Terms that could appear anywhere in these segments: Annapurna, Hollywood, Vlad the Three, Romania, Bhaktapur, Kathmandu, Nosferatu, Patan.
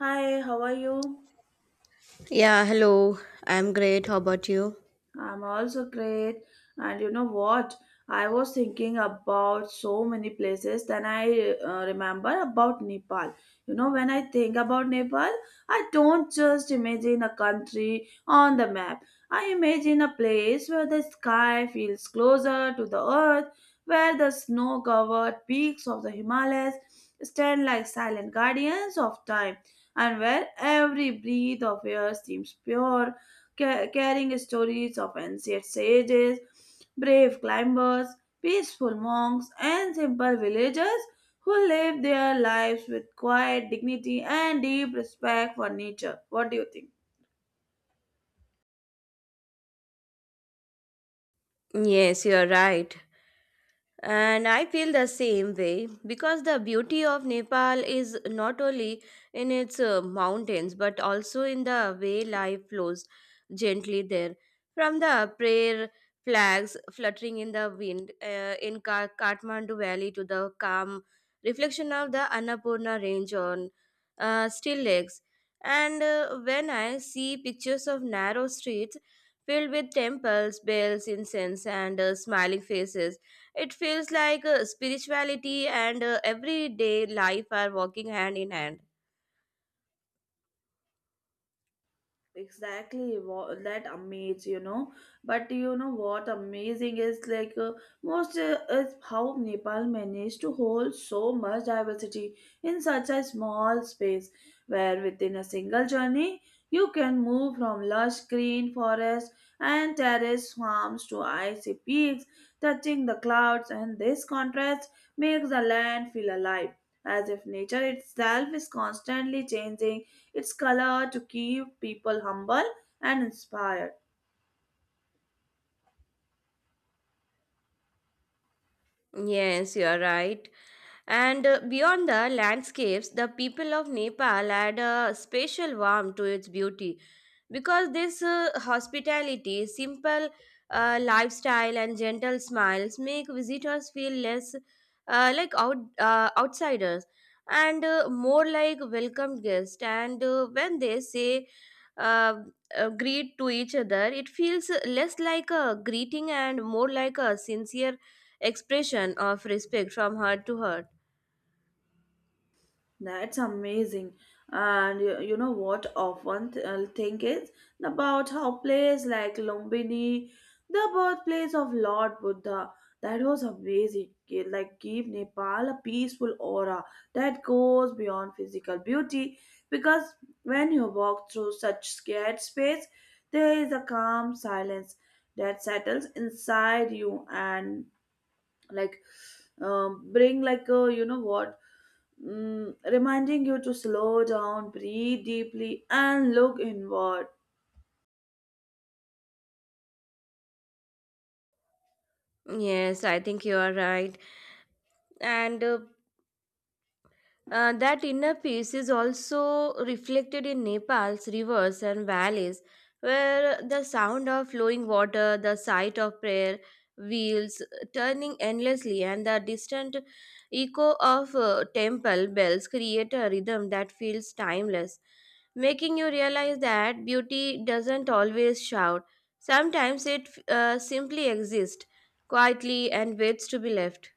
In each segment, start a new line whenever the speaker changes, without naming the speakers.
Hi, how are you?
Yeah, hello. I'm great. How about you?
I'm also great. And you know what? I was thinking about so many places, then I remember about Nepal. You know, when I think about Nepal, I don't just imagine a country on the map. I imagine a place where the sky feels closer to the earth, where the snow covered peaks of the Himalayas stand like silent guardians of time, and where every breath of air seems pure carrying stories of ancient sages, brave climbers, peaceful monks, and simple villagers who lived their lives with quiet dignity and deep respect for nature. What do you think?
Yes, you're right. And I feel the same way because the beauty of Nepal is not only in its mountains but also in the way life flows gently there. From the prayer flags fluttering in the wind in Kathmandu Valley to the calm reflection of the Annapurna range on still lakes. And when I see pictures of narrow streets filled with temples, bells, incense, and smiling faces, it feels like spirituality and everyday life are walking hand in hand.
Exactly, that amazes you know. But you know what amazing is like most is how Nepal managed to hold so much diversity in such a small space, where within a single journey you can move from lush green forests and terraced farms to icy peaks touching the clouds, and this contrast makes the land feel alive, as if nature itself is constantly changing its color to keep people humble and inspired.
Yes, you are right. And beyond the landscapes, the people of Nepal add a special warmth to its beauty, because this hospitality simple lifestyle and gentle smiles make visitors feel less like outsiders and more like welcomed guests. And when they say uh, greet to each other, it feels less like a greeting and more like a sincere expression of respect from heart to heart.
That's amazing. And you know what often think is about how place like Lumbini, the birthplace of Lord Buddha, that was amazing. Like give Nepal a peaceful aura that goes beyond physical beauty because when you walk through such scared space, there is a calm silence that settles inside you and like bring like a you know what reminding you to slow down, breathe deeply, and look inward.
Yes, I think you are right. And that inner peace is also reflected in Nepal's rivers and valleys, where the sound of flowing water, the sight of prayer wheels turning endlessly, and the distant echo of temple bells create a rhythm that feels timeless, making you realize that beauty doesn't always shout. Sometimes it simply exists quietly and waits to be left.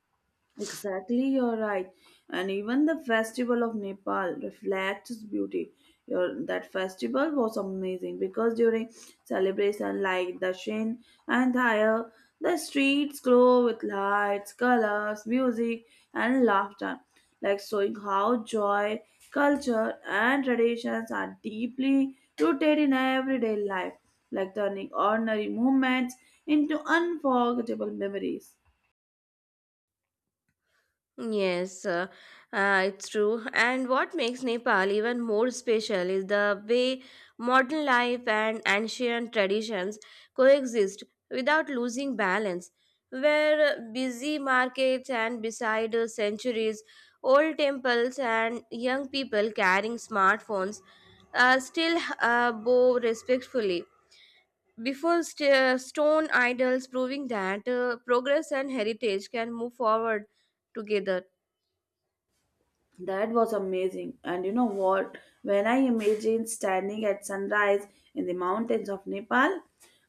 Exactly, you're right. And even the festival of Nepal reflects its beauty. Your, that festival was amazing because during celebration like Dashin and Thayar, the streets glow with lights, colors, music, and laughter, like showing how joy, culture, and traditions are deeply rooted in everyday life, like turning ordinary moments into unforgettable memories.
Yes, it's true. And what makes Nepal even more special is the way modern life and ancient traditions coexist without losing balance, where busy markets and beside centuries old temples and young people carrying smartphones still bow respectfully before stone idols, proving that progress and heritage can move forward together.
That was amazing. And you know what? When I imagine standing at sunrise in the mountains of Nepal,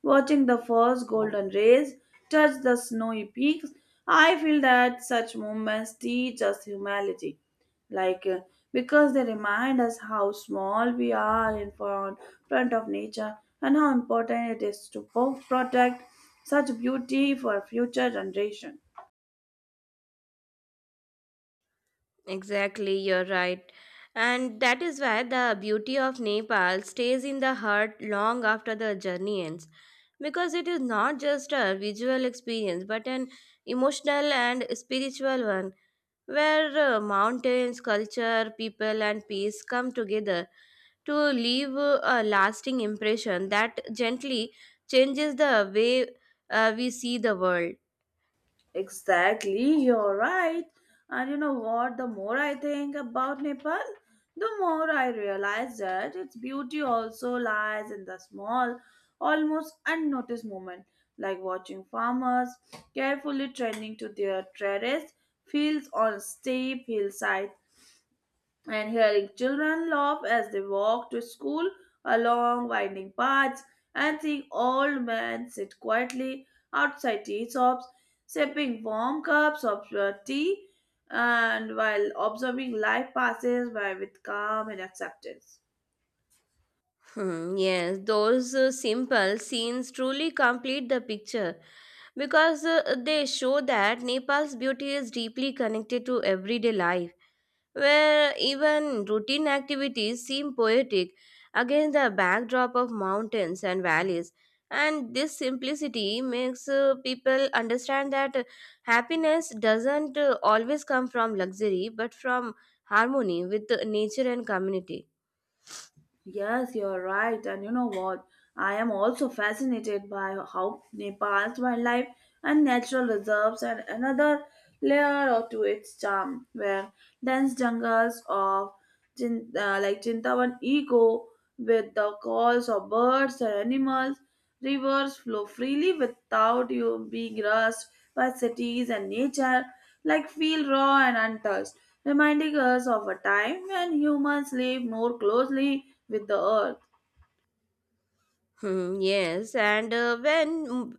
watching the first golden rays touch the snowy peaks, I feel that such moments teach us humility. Like, uh, because they remind us how small we are in front, front of nature and how important it is to protect such beauty for future generation.
Exactly, you're right. And that is why the beauty of Nepal stays in the heart long after the journey ends. Because it is not just a visual experience, but an emotional and spiritual one, where mountains, culture, people, and peace come together to leave a lasting impression that gently changes the way we see the world.
Exactly, you're right. And you know what? The more I think about Nepal, the more I realize that its beauty also lies in the small, almost unnoticed moment, like watching farmers carefully tending to their terrace fields on steep hillsides and hearing children laugh as they walk to school along winding paths, and seeing old men sit quietly outside tea shops, sipping warm cups of tea, and while observing life passes by with calm and acceptance.
Hmm, yes, those simple scenes truly complete the picture because they show that Nepal's beauty is deeply connected to everyday life, where even routine activities seem poetic against the backdrop of mountains and valleys. And this simplicity makes people understand that happiness doesn't always come from luxury but from harmony with nature and community.
Yes, you're right. And you know what? I am also fascinated by how Nepal's wildlife and natural reserves add another layer of- to its charm, where dense jungles of like Chintawan echo with the calls of birds and animals, rivers flow freely without you being rushed by cities and nature, like feel raw and untouched, reminding us of a time when humans lived more closely with the earth.
Hmm, yes, and when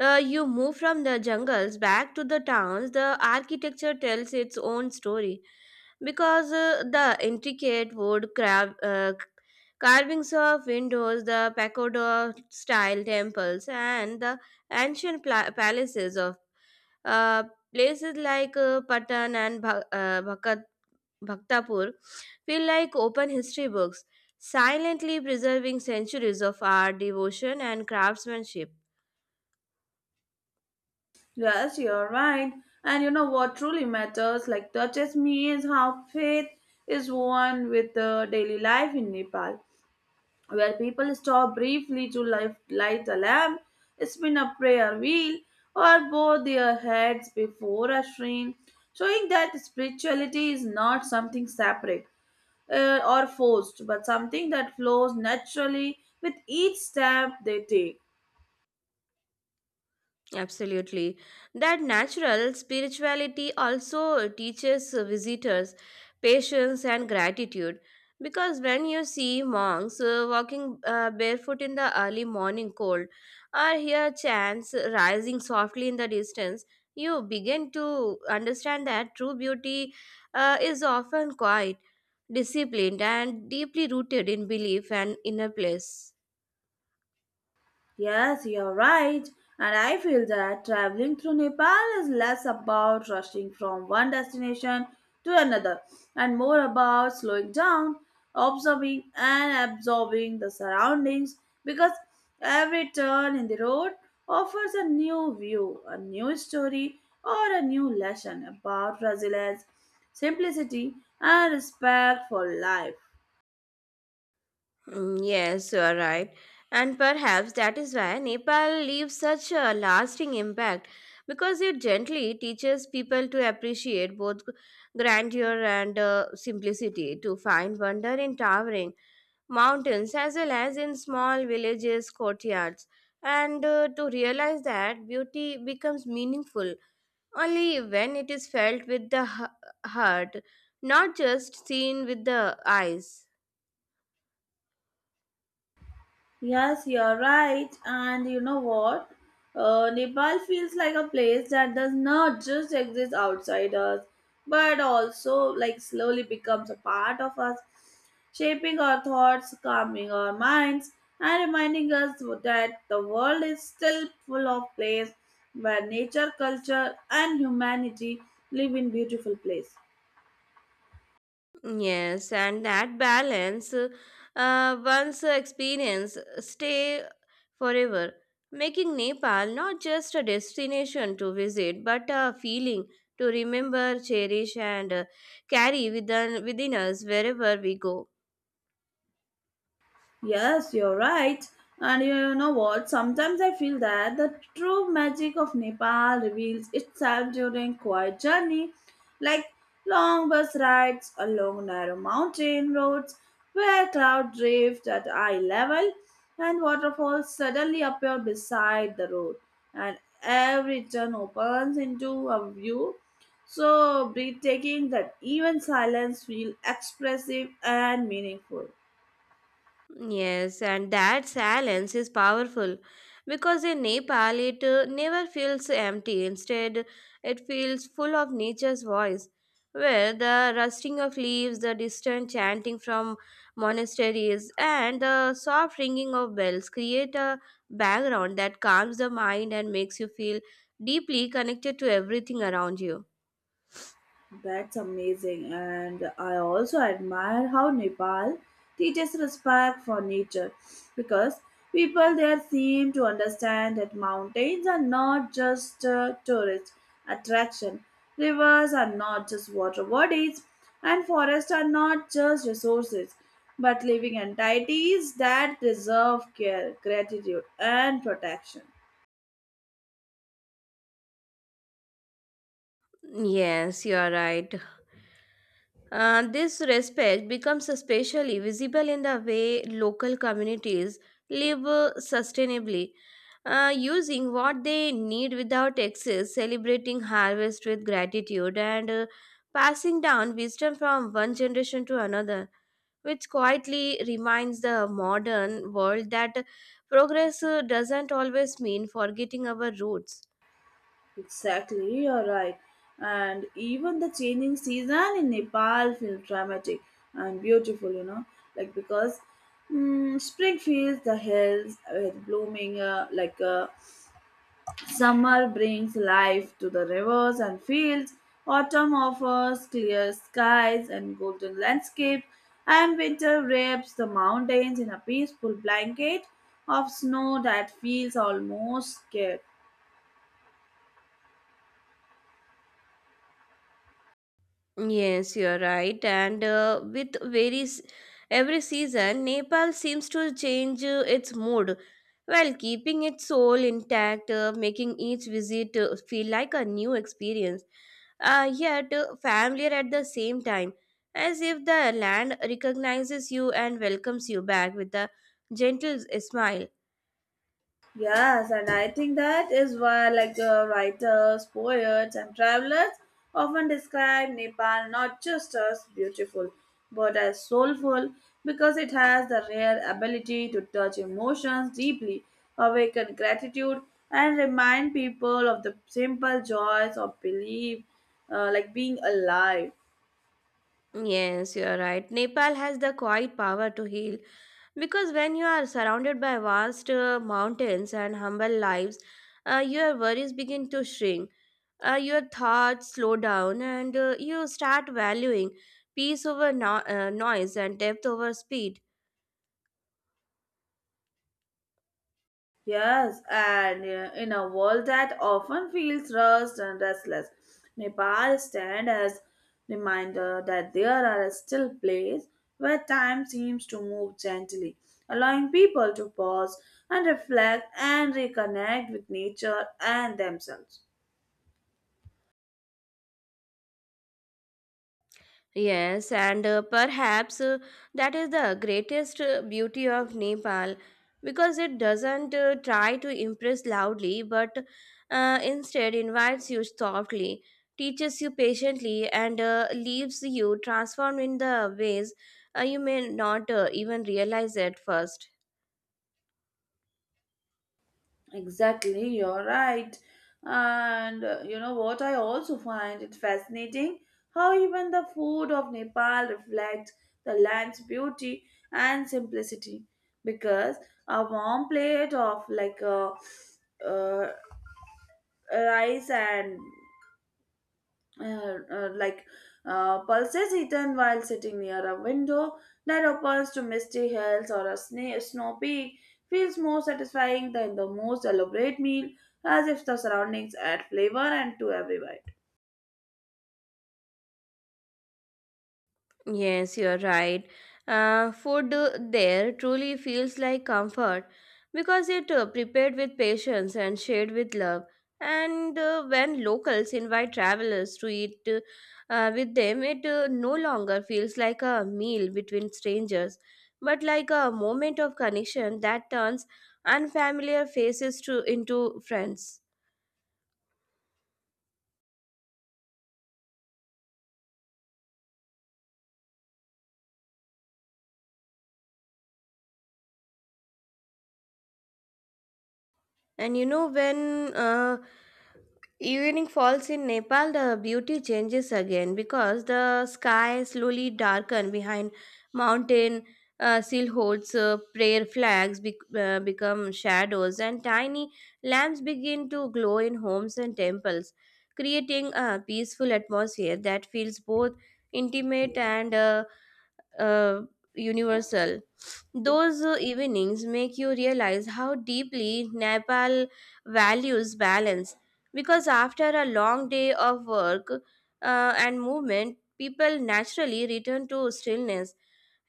you move from the jungles back to the towns, the architecture tells its own story because the intricate wood carvings of windows, the pagoda style temples, and the ancient palaces of uh, places like Patan and Bha- Bhakat Bhaktapur feel like open history books, silently preserving centuries of art, devotion, and craftsmanship.
Yes, you're right. And you know what truly matters, like touches me, is how faith is one with the daily life in Nepal, where people stop briefly to light a lamp, spin a prayer wheel, or bow their heads before a shrine, showing that spirituality is not something separate or forced, but something that flows naturally with each step they take.
Absolutely. That natural spirituality also teaches visitors patience and gratitude. Because when you see monks walking barefoot in the early morning cold or hear chants rising softly in the distance, you begin to understand that true beauty is often quiet, disciplined, and deeply rooted in belief and inner place.
Yes, you're right. And I feel that traveling through Nepal is less about rushing from one destination to another and more about slowing down, observing, and absorbing the surroundings because every turn in the road offers a new view, a new story, or a new lesson about resilience, simplicity, and respect for life.
Mm, yes, you are right. And perhaps that is why Nepal leaves such a lasting impact because it gently teaches people to appreciate both grandeur and simplicity, to find wonder in towering mountains as well as in small villages, courtyards, and to realize that beauty becomes meaningful only when it is felt with the heart, not just seen with the eyes.
Yes, you're right. And you know what? Nepal feels like a place that does not just exist outside us, but also like slowly becomes a part of us, shaping our thoughts, calming our minds, and reminding us that the world is still full of place where nature, culture, and humanity live in beautiful place.
Yes, and that balance, once experience, stay forever, making Nepal not just a destination to visit, but a feeling to remember, cherish, and carry within us wherever we go.
Yes, you're right. And you know what? Sometimes I feel that the true magic of Nepal reveals itself during quiet journey, like long bus rides along narrow mountain roads where cloud drift at eye level and waterfalls suddenly appear beside the road and every turn opens into a view so breathtaking that even silence feels expressive and meaningful.
Yes, and that silence is powerful because in Nepal it never feels empty. Instead, it feels full of nature's voice, where the rustling of leaves, the distant chanting from monasteries, and the soft ringing of bells create a background that calms the mind and makes you feel deeply connected to everything around you.
That's amazing, and I also admire how Nepal teaches respect for nature because people there seem to understand that mountains are not just a tourist attraction, rivers are not just water bodies, and forests are not just resources but living entities that deserve care, gratitude, and protection.
Yes, you are right. This respect becomes especially visible in the way local communities live sustainably, using what they need without excess, celebrating harvest with gratitude, and passing down wisdom from one generation to another, which quietly reminds the modern world that progress doesn't always mean forgetting our roots.
Exactly, you're right. And even the changing season in Nepal feels dramatic and beautiful, you know, like because spring fills the hills with blooming, summer brings life to the rivers and fields. Autumn offers clear skies and golden landscapes, and winter wraps the mountains in a peaceful blanket of snow that feels almost scared.
Yes, you're right. And with varies every season, Nepal seems to change its mood while keeping its soul intact, making each visit feel like a new experience, yet familiar at the same time, as if the land recognizes you and welcomes you back with a gentle smile.
Yes, and I think that is why, writers, poets, and travelers often describe Nepal not just as beautiful but as soulful because it has the rare ability to touch emotions deeply, awaken gratitude, and remind people of the simple joys of belief, like being alive.
Yes, you're right. Nepal has the quiet power to heal because when you are surrounded by vast mountains and humble lives, your worries begin to shrink, your thoughts slow down, and you start valuing peace over noise and depth over speed.
Yes, and in a world that often feels rushed and restless, Nepal stands as reminder that there are still places where time seems to move gently, allowing people to pause and reflect and reconnect with nature and themselves.
Yes, and perhaps that is the greatest beauty of Nepal because it doesn't try to impress loudly but instead invites you softly, teaches you patiently, and leaves you transformed in the ways you may not even realize at first.
Exactly, you're right. And you know what, I also find it fascinating how even the food of Nepal reflects the land's beauty and simplicity. Because a warm plate of like a uh, uh, rice and uh, uh, like pulses eaten while sitting near a window that opens to misty hills or a snow peak feels more satisfying than the most elaborate meal, as if the surroundings add flavor and to every bite.
Yes, you're right. Food there truly feels like comfort because it prepared with patience and shared with love. And when locals invite travelers to eat with them, it no longer feels like a meal between strangers, but like a moment of connection that turns unfamiliar faces to into friends. And you know, when evening falls in Nepal, the beauty changes again because the sky slowly darken behind mountain. Silhouettes, prayer flags become shadows, and tiny lamps begin to glow in homes and temples, creating a peaceful atmosphere that feels both intimate and uh, universal. Those evenings make you realize how deeply Nepal values balance because after a long day of work and movement, people naturally return to stillness,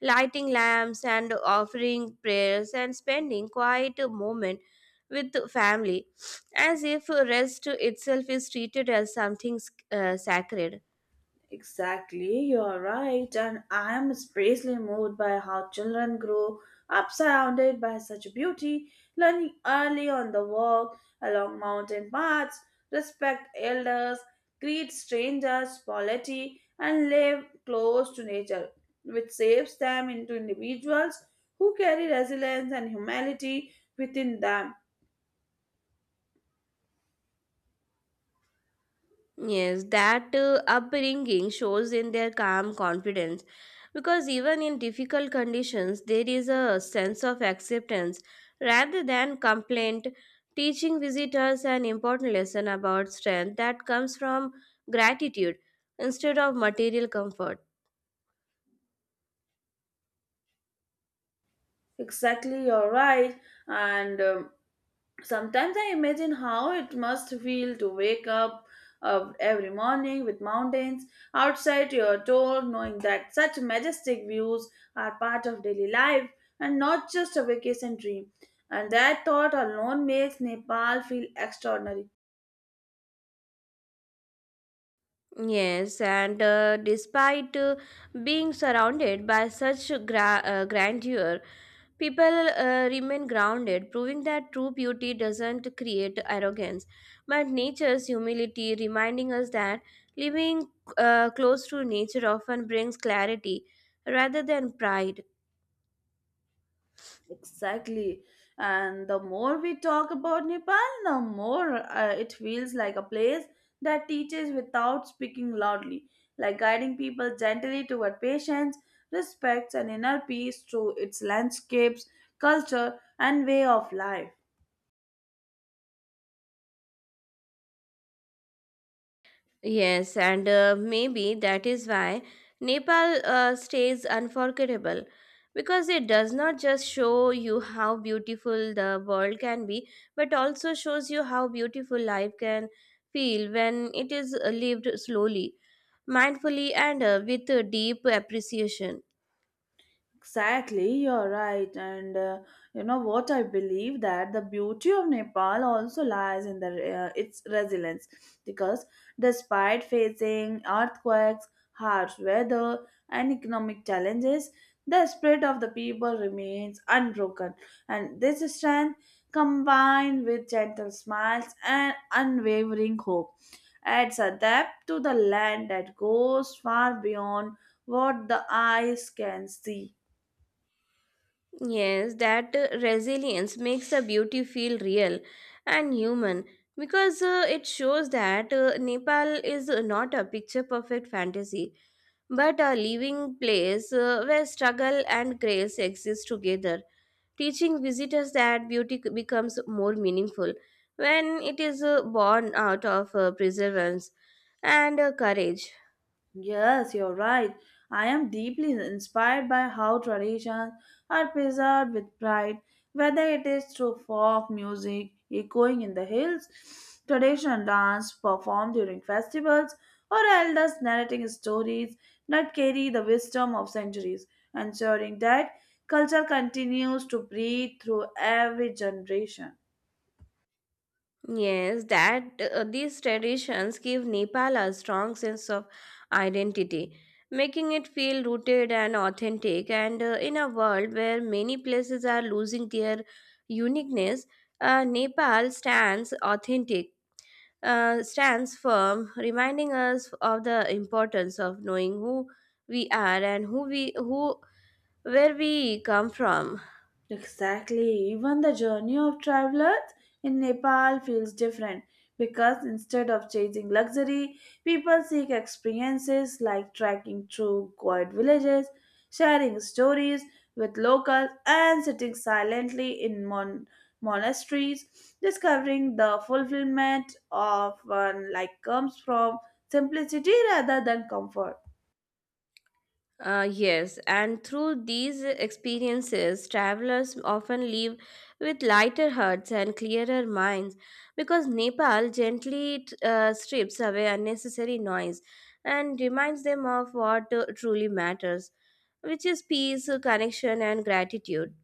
lighting lamps and offering prayers and spending quiet moment with family, as if rest itself is treated as something sacred.
Exactly, you are right, and I am especially moved by how children grow up surrounded by such beauty, learning early on the walk along mountain paths, respect elders, greet strangers, polity, and live close to nature, which shapes them into individuals who carry resilience and humanity within them.
Yes, that upbringing shows in their calm confidence because even in difficult conditions, there is a sense of acceptance rather than complaint, teaching visitors an important lesson about strength that comes from gratitude instead of material comfort.
Exactly, you're right, and sometimes I imagine how it must feel to wake up every morning with mountains outside your door, knowing that such majestic views are part of daily life and not just a vacation dream. And that thought alone makes Nepal feel extraordinary.
Yes, and despite being surrounded by such grandeur, people remain grounded, proving that true beauty doesn't create arrogance, but nature's humility, reminding us that living close to nature often brings clarity rather than pride.
Exactly. And the more we talk about Nepal, the more it feels like a place that teaches without speaking loudly, like guiding people gently toward patience, respect, and inner peace through its landscapes, culture, and way of life.
Yes, and maybe that is why Nepal stays unforgettable because it does not just show you how beautiful the world can be, but also shows you how beautiful life can feel when it is lived slowly, mindfully, and with a deep appreciation.
Exactly, you're right. And you know what? I believe that the beauty of Nepal also lies in the, its resilience because despite facing earthquakes, harsh weather, and economic challenges, the spirit of the people remains unbroken. And this strength, combined with gentle smiles and unwavering hope, adds a depth to the land that goes far beyond what the eyes can see.
Yes, that resilience makes the beauty feel real and human because it shows that Nepal is not a picture perfect fantasy but a living place where struggle and grace exist together, teaching visitors that beauty becomes more meaningful when it is born out of perseverance and courage.
Yes, you're right. I am deeply inspired by how traditions are preserved with pride, whether it is through folk music echoing in the hills, traditional dance performed during festivals, or elders narrating stories that carry the wisdom of centuries, ensuring that culture continues to breathe through every generation.
Yes, that these traditions give Nepal a strong sense of identity, making it feel rooted and authentic. And in a world where many places are losing their uniqueness, Nepal stands firm, reminding us of the importance of knowing who we are and who where we come from.
Exactly. Even the journey of travelers in Nepal feels different because instead of chasing luxury, people seek experiences like trekking through quiet villages, sharing stories with locals, and sitting silently in monasteries, discovering the fulfillment of one like comes from simplicity rather than comfort.
Yes, and through these experiences, travelers often leave with lighter hearts and clearer minds because Nepal gently strips away unnecessary noise and reminds them of what truly matters, which is peace, connection, and gratitude.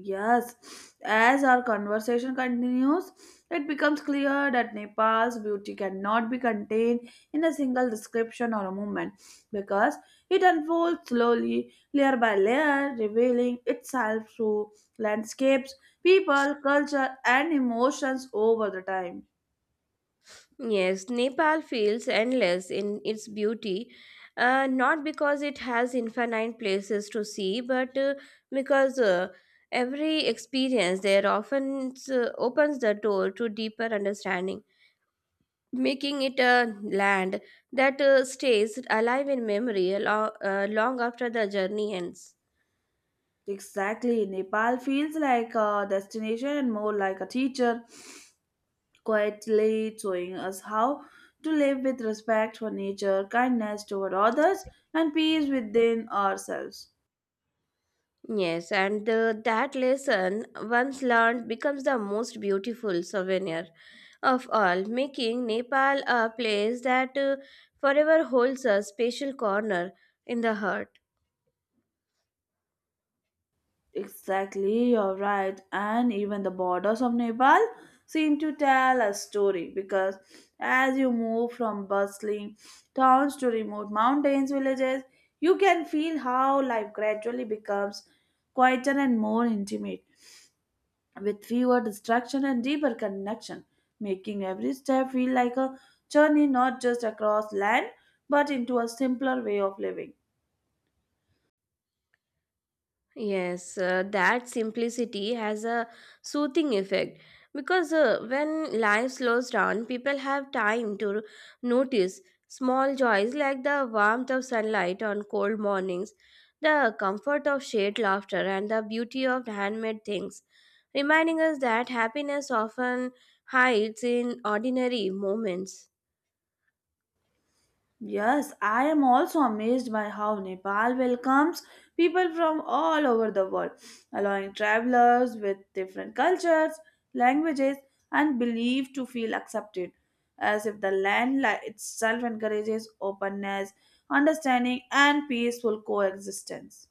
Yes, as our conversation continues, it becomes clear that Nepal's beauty cannot be contained in a single description or a movement because it unfolds slowly, layer by layer, revealing itself through landscapes, people, culture, and emotions over the time.
Yes, Nepal feels endless in its beauty, not because it has infinite places to see, but because every experience there often opens the door to deeper understanding, making it a land that stays alive in memory long after the journey ends.
Exactly, Nepal feels like a destination and more like a teacher quietly showing us how to live with respect for nature, kindness toward others, and peace within ourselves.
Yes, and that lesson once learned becomes the most beautiful souvenir of all, making Nepal a place that forever holds a special corner in the heart.
Exactly, you're right. And even the borders of Nepal seem to tell a story because as you move from bustling towns to remote mountains, villages, you can feel how life gradually becomes quieter and more intimate, with fewer distractions and deeper connection, making every step feel like a journey not just across land but into a simpler way of living.
Yes, that simplicity has a soothing effect because when life slows down, people have time to notice small joys like the warmth of sunlight on cold mornings, the comfort of shared laughter, and the beauty of handmade things, reminding us that happiness often hides in ordinary moments.
Yes, I am also amazed by how Nepal welcomes people from all over the world, allowing travelers with different cultures, languages, and beliefs to feel accepted, as if the land itself encourages openness, understanding, and peaceful coexistence.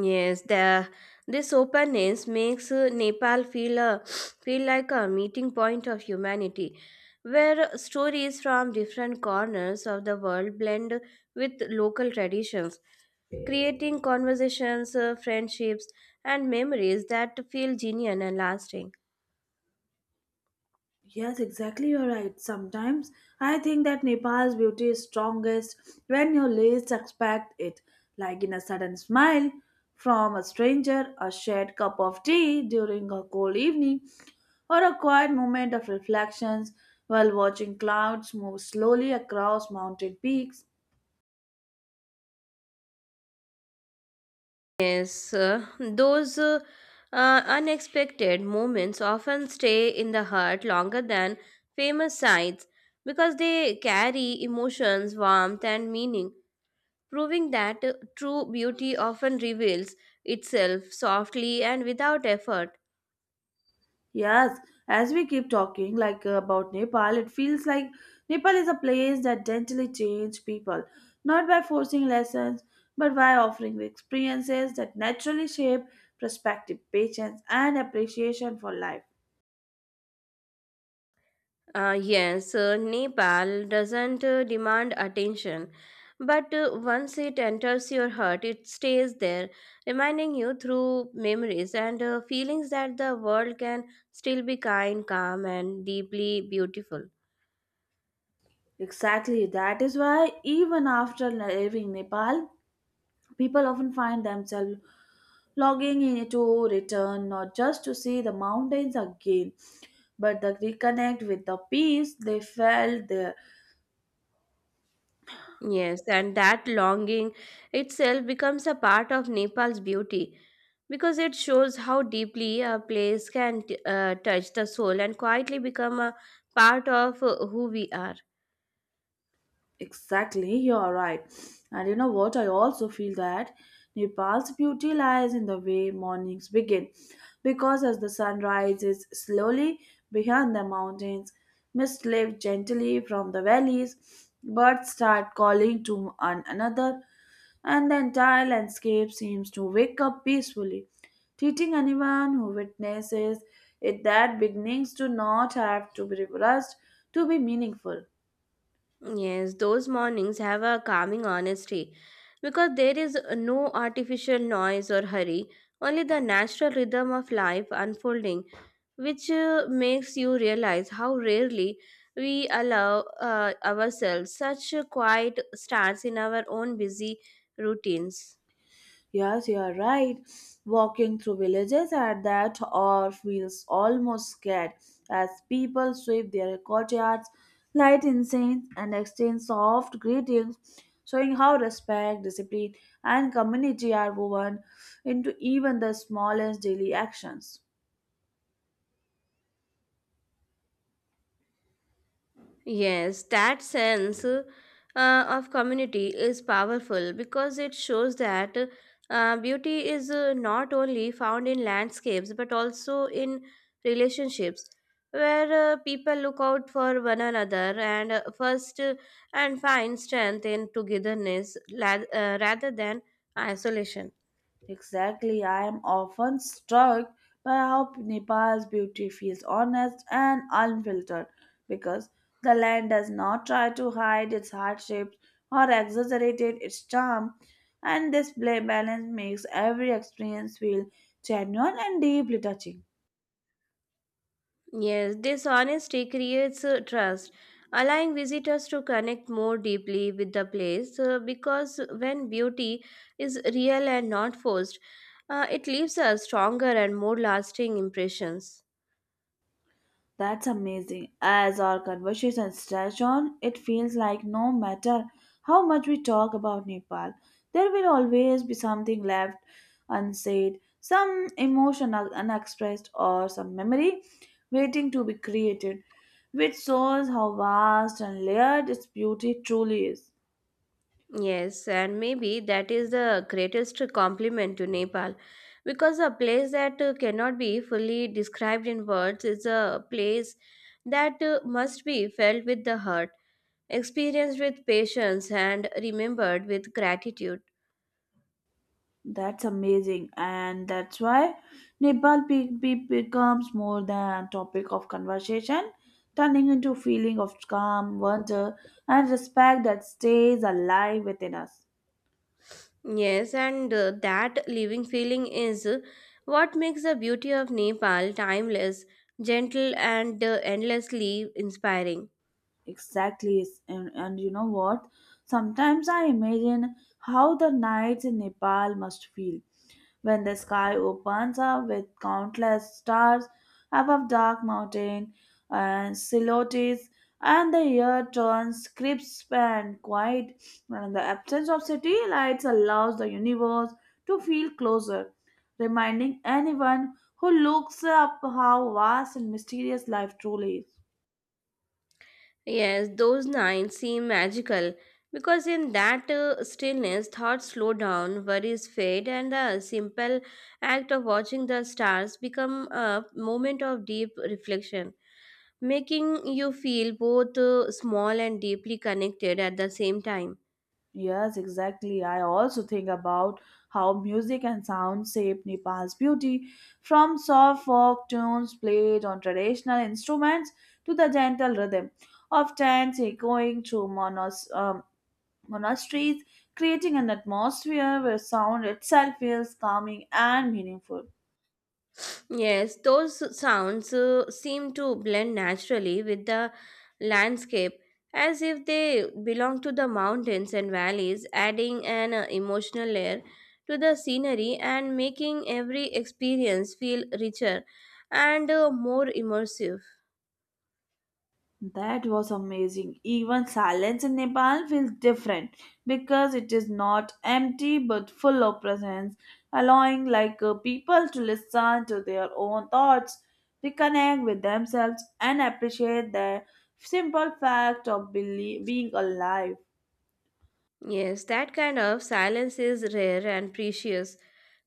Yes, the this openness makes Nepal feel like a meeting point of humanity, where stories from different corners of the world blend with local traditions, creating conversations, friendships, and memories that feel genuine and lasting.
Yes, exactly. You're right. Sometimes I think that Nepal's beauty is strongest when you least expect it, like in a sudden smile from a stranger, a shared cup of tea during a cold evening, or a quiet moment of reflections while watching clouds move slowly across mountain peaks.
Yes, those unexpected moments often stay in the heart longer than famous sights because they carry emotions, warmth, and meaning, proving that true beauty often reveals itself softly and without effort.
Yes, as we keep talking like about Nepal, it feels like Nepal is a place that gently changes people, not by forcing lessons, but by offering experiences that naturally shape perspective, patience, and appreciation for life.
Yes, Nepal doesn't demand attention, but once it enters your heart, it stays there, reminding you through memories and feelings that the world can still be kind, calm, and deeply beautiful.
Exactly, that is why even after leaving Nepal, people often find themselves logging in to return not just to see the mountains again, but to reconnect with the peace they felt there.
Yes, and that longing itself becomes a part of Nepal's beauty because it shows how deeply a place can touch the soul and quietly become a part of who we are.
Exactly, you are right. And you know what? I also feel that Nepal's beauty lies in the way mornings begin, because as the sun rises slowly behind the mountains, mists lift gently from the valleys, birds start calling to one another, and the entire landscape seems to wake up peacefully, teaching anyone who witnesses it that beginnings do not have to be rushed to be meaningful.
Yes, those mornings have a calming honesty because there is no artificial noise or hurry, only the natural rhythm of life unfolding, which makes you realize how rarely we allow ourselves such a quiet stance in our own busy routines.
Yes, you are right. Walking through villages at that hour feels almost scared as people sweep their courtyards, light incense, and exchange soft greetings, showing how respect, discipline, and community are woven into even the smallest daily actions.
Yes, that sense of community is powerful because it shows that beauty is not only found in landscapes but also in relationships where people look out for one another and first and find strength in togetherness rather than isolation.
Exactly, I am often struck by how Nepal's beauty feels honest and unfiltered because the land does not try to hide its hardships or exaggerate its charm, and this balance makes every experience feel genuine and deeply touching.
Yes, dishonesty creates trust, allowing visitors to connect more deeply with the place because when beauty is real and not forced, it leaves a stronger and more lasting impressions.
That's amazing. As our conversation stretch on, it feels like no matter how much we talk about Nepal, there will always be something left unsaid, some emotion unexpressed, or some memory waiting to be created, which shows how vast and layered its beauty truly is.
Yes, and maybe that is the greatest compliment to Nepal because a place that cannot be fully described in words is a place that must be felt with the heart, experienced with patience and remembered with gratitude.
That's amazing, and that's why Nepal becomes more than topic of conversation, turning into feeling of calm, wonder, and respect that stays alive within us.
Yes, and that living feeling is what makes the beauty of Nepal timeless, gentle, and endlessly inspiring.
Exactly. And you know what? Sometimes I imagine how the nights in Nepal must feel when the sky opens up with countless stars above dark mountain and silhouettes, and the air turns crisp and quiet, and the absence of city lights allows the universe to feel closer, reminding anyone who looks up how vast and mysterious life truly is.
Yes, those nights seem magical because in that stillness, thoughts slow down, worries fade, and the simple act of watching the stars become a moment of deep reflection, making you feel both small and deeply connected at the same time.
Yes, exactly. I also think about how music and sound shape Nepal's beauty, from soft folk tunes played on traditional instruments to the gentle rhythm of chants echoing through monasteries, creating an atmosphere where sound itself feels calming and meaningful.
Yes, those sounds seem to blend naturally with the landscape as if they belong to the mountains and valleys, adding an emotional layer to the scenery and making every experience feel richer and more immersive.
That was amazing. Even silence in Nepal feels different because it is not empty but full of presence, allowing like people to listen to their own thoughts, reconnect with themselves, and appreciate the simple fact of being alive.
Yes, that kind of silence is rare and precious,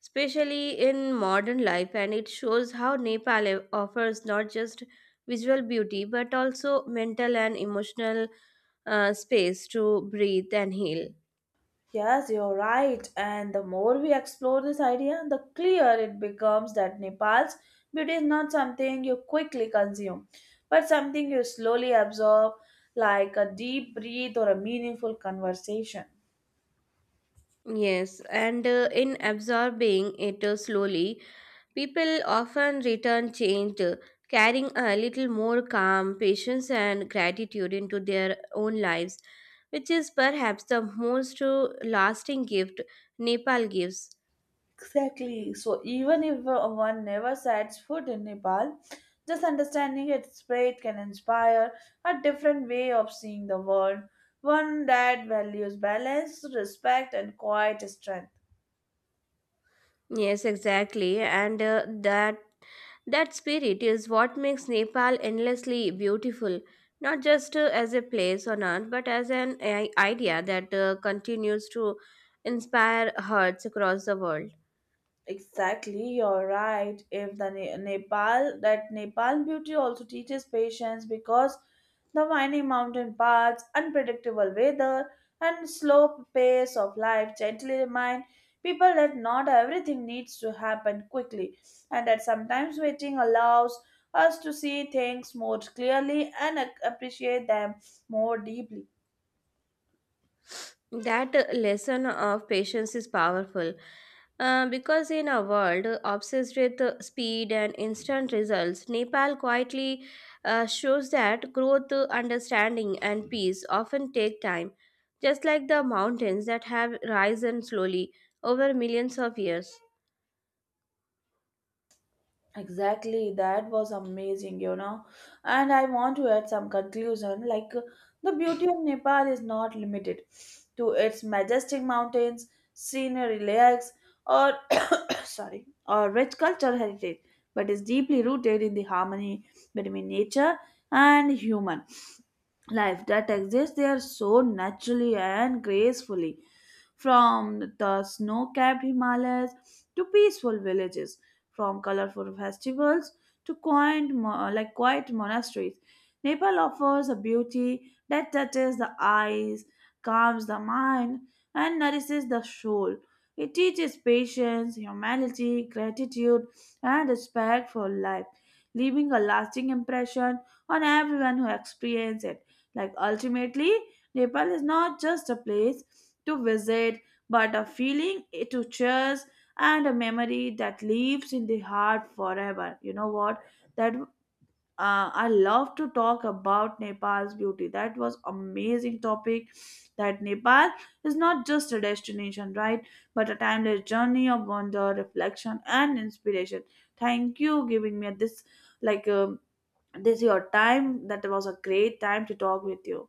especially in modern life, and it shows how Nepal offers not just visual beauty but also mental and emotional space to breathe and heal.
Yes, you're right. And the more we explore this idea, the clearer it becomes that Nepal's beauty is not something you quickly consume, but something you slowly absorb, like a deep breath or a meaningful conversation.
Yes, and in absorbing it slowly, people often return changed, carrying a little more calm, patience, and gratitude into their own lives, which is perhaps the most lasting gift Nepal gives.
Exactly. So, even if one never sets foot in Nepal, just understanding its spirit can inspire a different way of seeing the world, one that values balance, respect, and quiet strength.
Yes, exactly, and that spirit is what makes Nepal endlessly beautiful, not just as a place on earth, but as an idea that continues to inspire hearts across the world.
Exactly, you're right. If the Nepal, that Nepal beauty also teaches patience because the winding mountain paths, unpredictable weather, and slow pace of life gently remind people that not everything needs to happen quickly, and that sometimes waiting allows us to see things more clearly and appreciate them more deeply.
That lesson of patience is powerful because in a world obsessed with speed and instant results, Nepal quietly shows that growth, understanding, and peace often take time, just like the mountains that have risen slowly over millions of years.
Exactly, that was amazing, you know. And I want to add some conclusion like the beauty of Nepal is not limited to its majestic mountains, scenery, lakes, or sorry, or rich cultural heritage, but is deeply rooted in the harmony between nature and human life that exists there so naturally and gracefully, from the snow capped Himalayas to peaceful villages, from colorful festivals to quaint, quiet monasteries. Nepal offers a beauty that touches the eyes, calms the mind, and nourishes the soul. It teaches patience, humanity, gratitude, and respect for life, leaving a lasting impression on everyone who experiences it. Like ultimately, Nepal is not just a place to visit, but a feeling eh, to cherish and a memory that lives in the heart forever. You know what? That I love to talk about Nepal's beauty. That was amazing topic. That Nepal is not just a destination, right? But a timeless journey of wonder, reflection, and inspiration. Thank you giving me this like this your time. That was a great time to talk with you.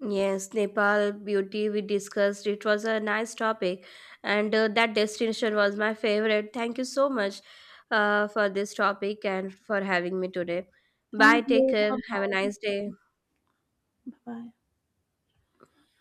Yes, Nepal beauty we discussed. It was a nice topic, and that destination was my favorite. Thank you so much for this topic and for having me today. Bye,
Thank
take
you.
care.
Bye
Have a nice day.
bye. Bye bye.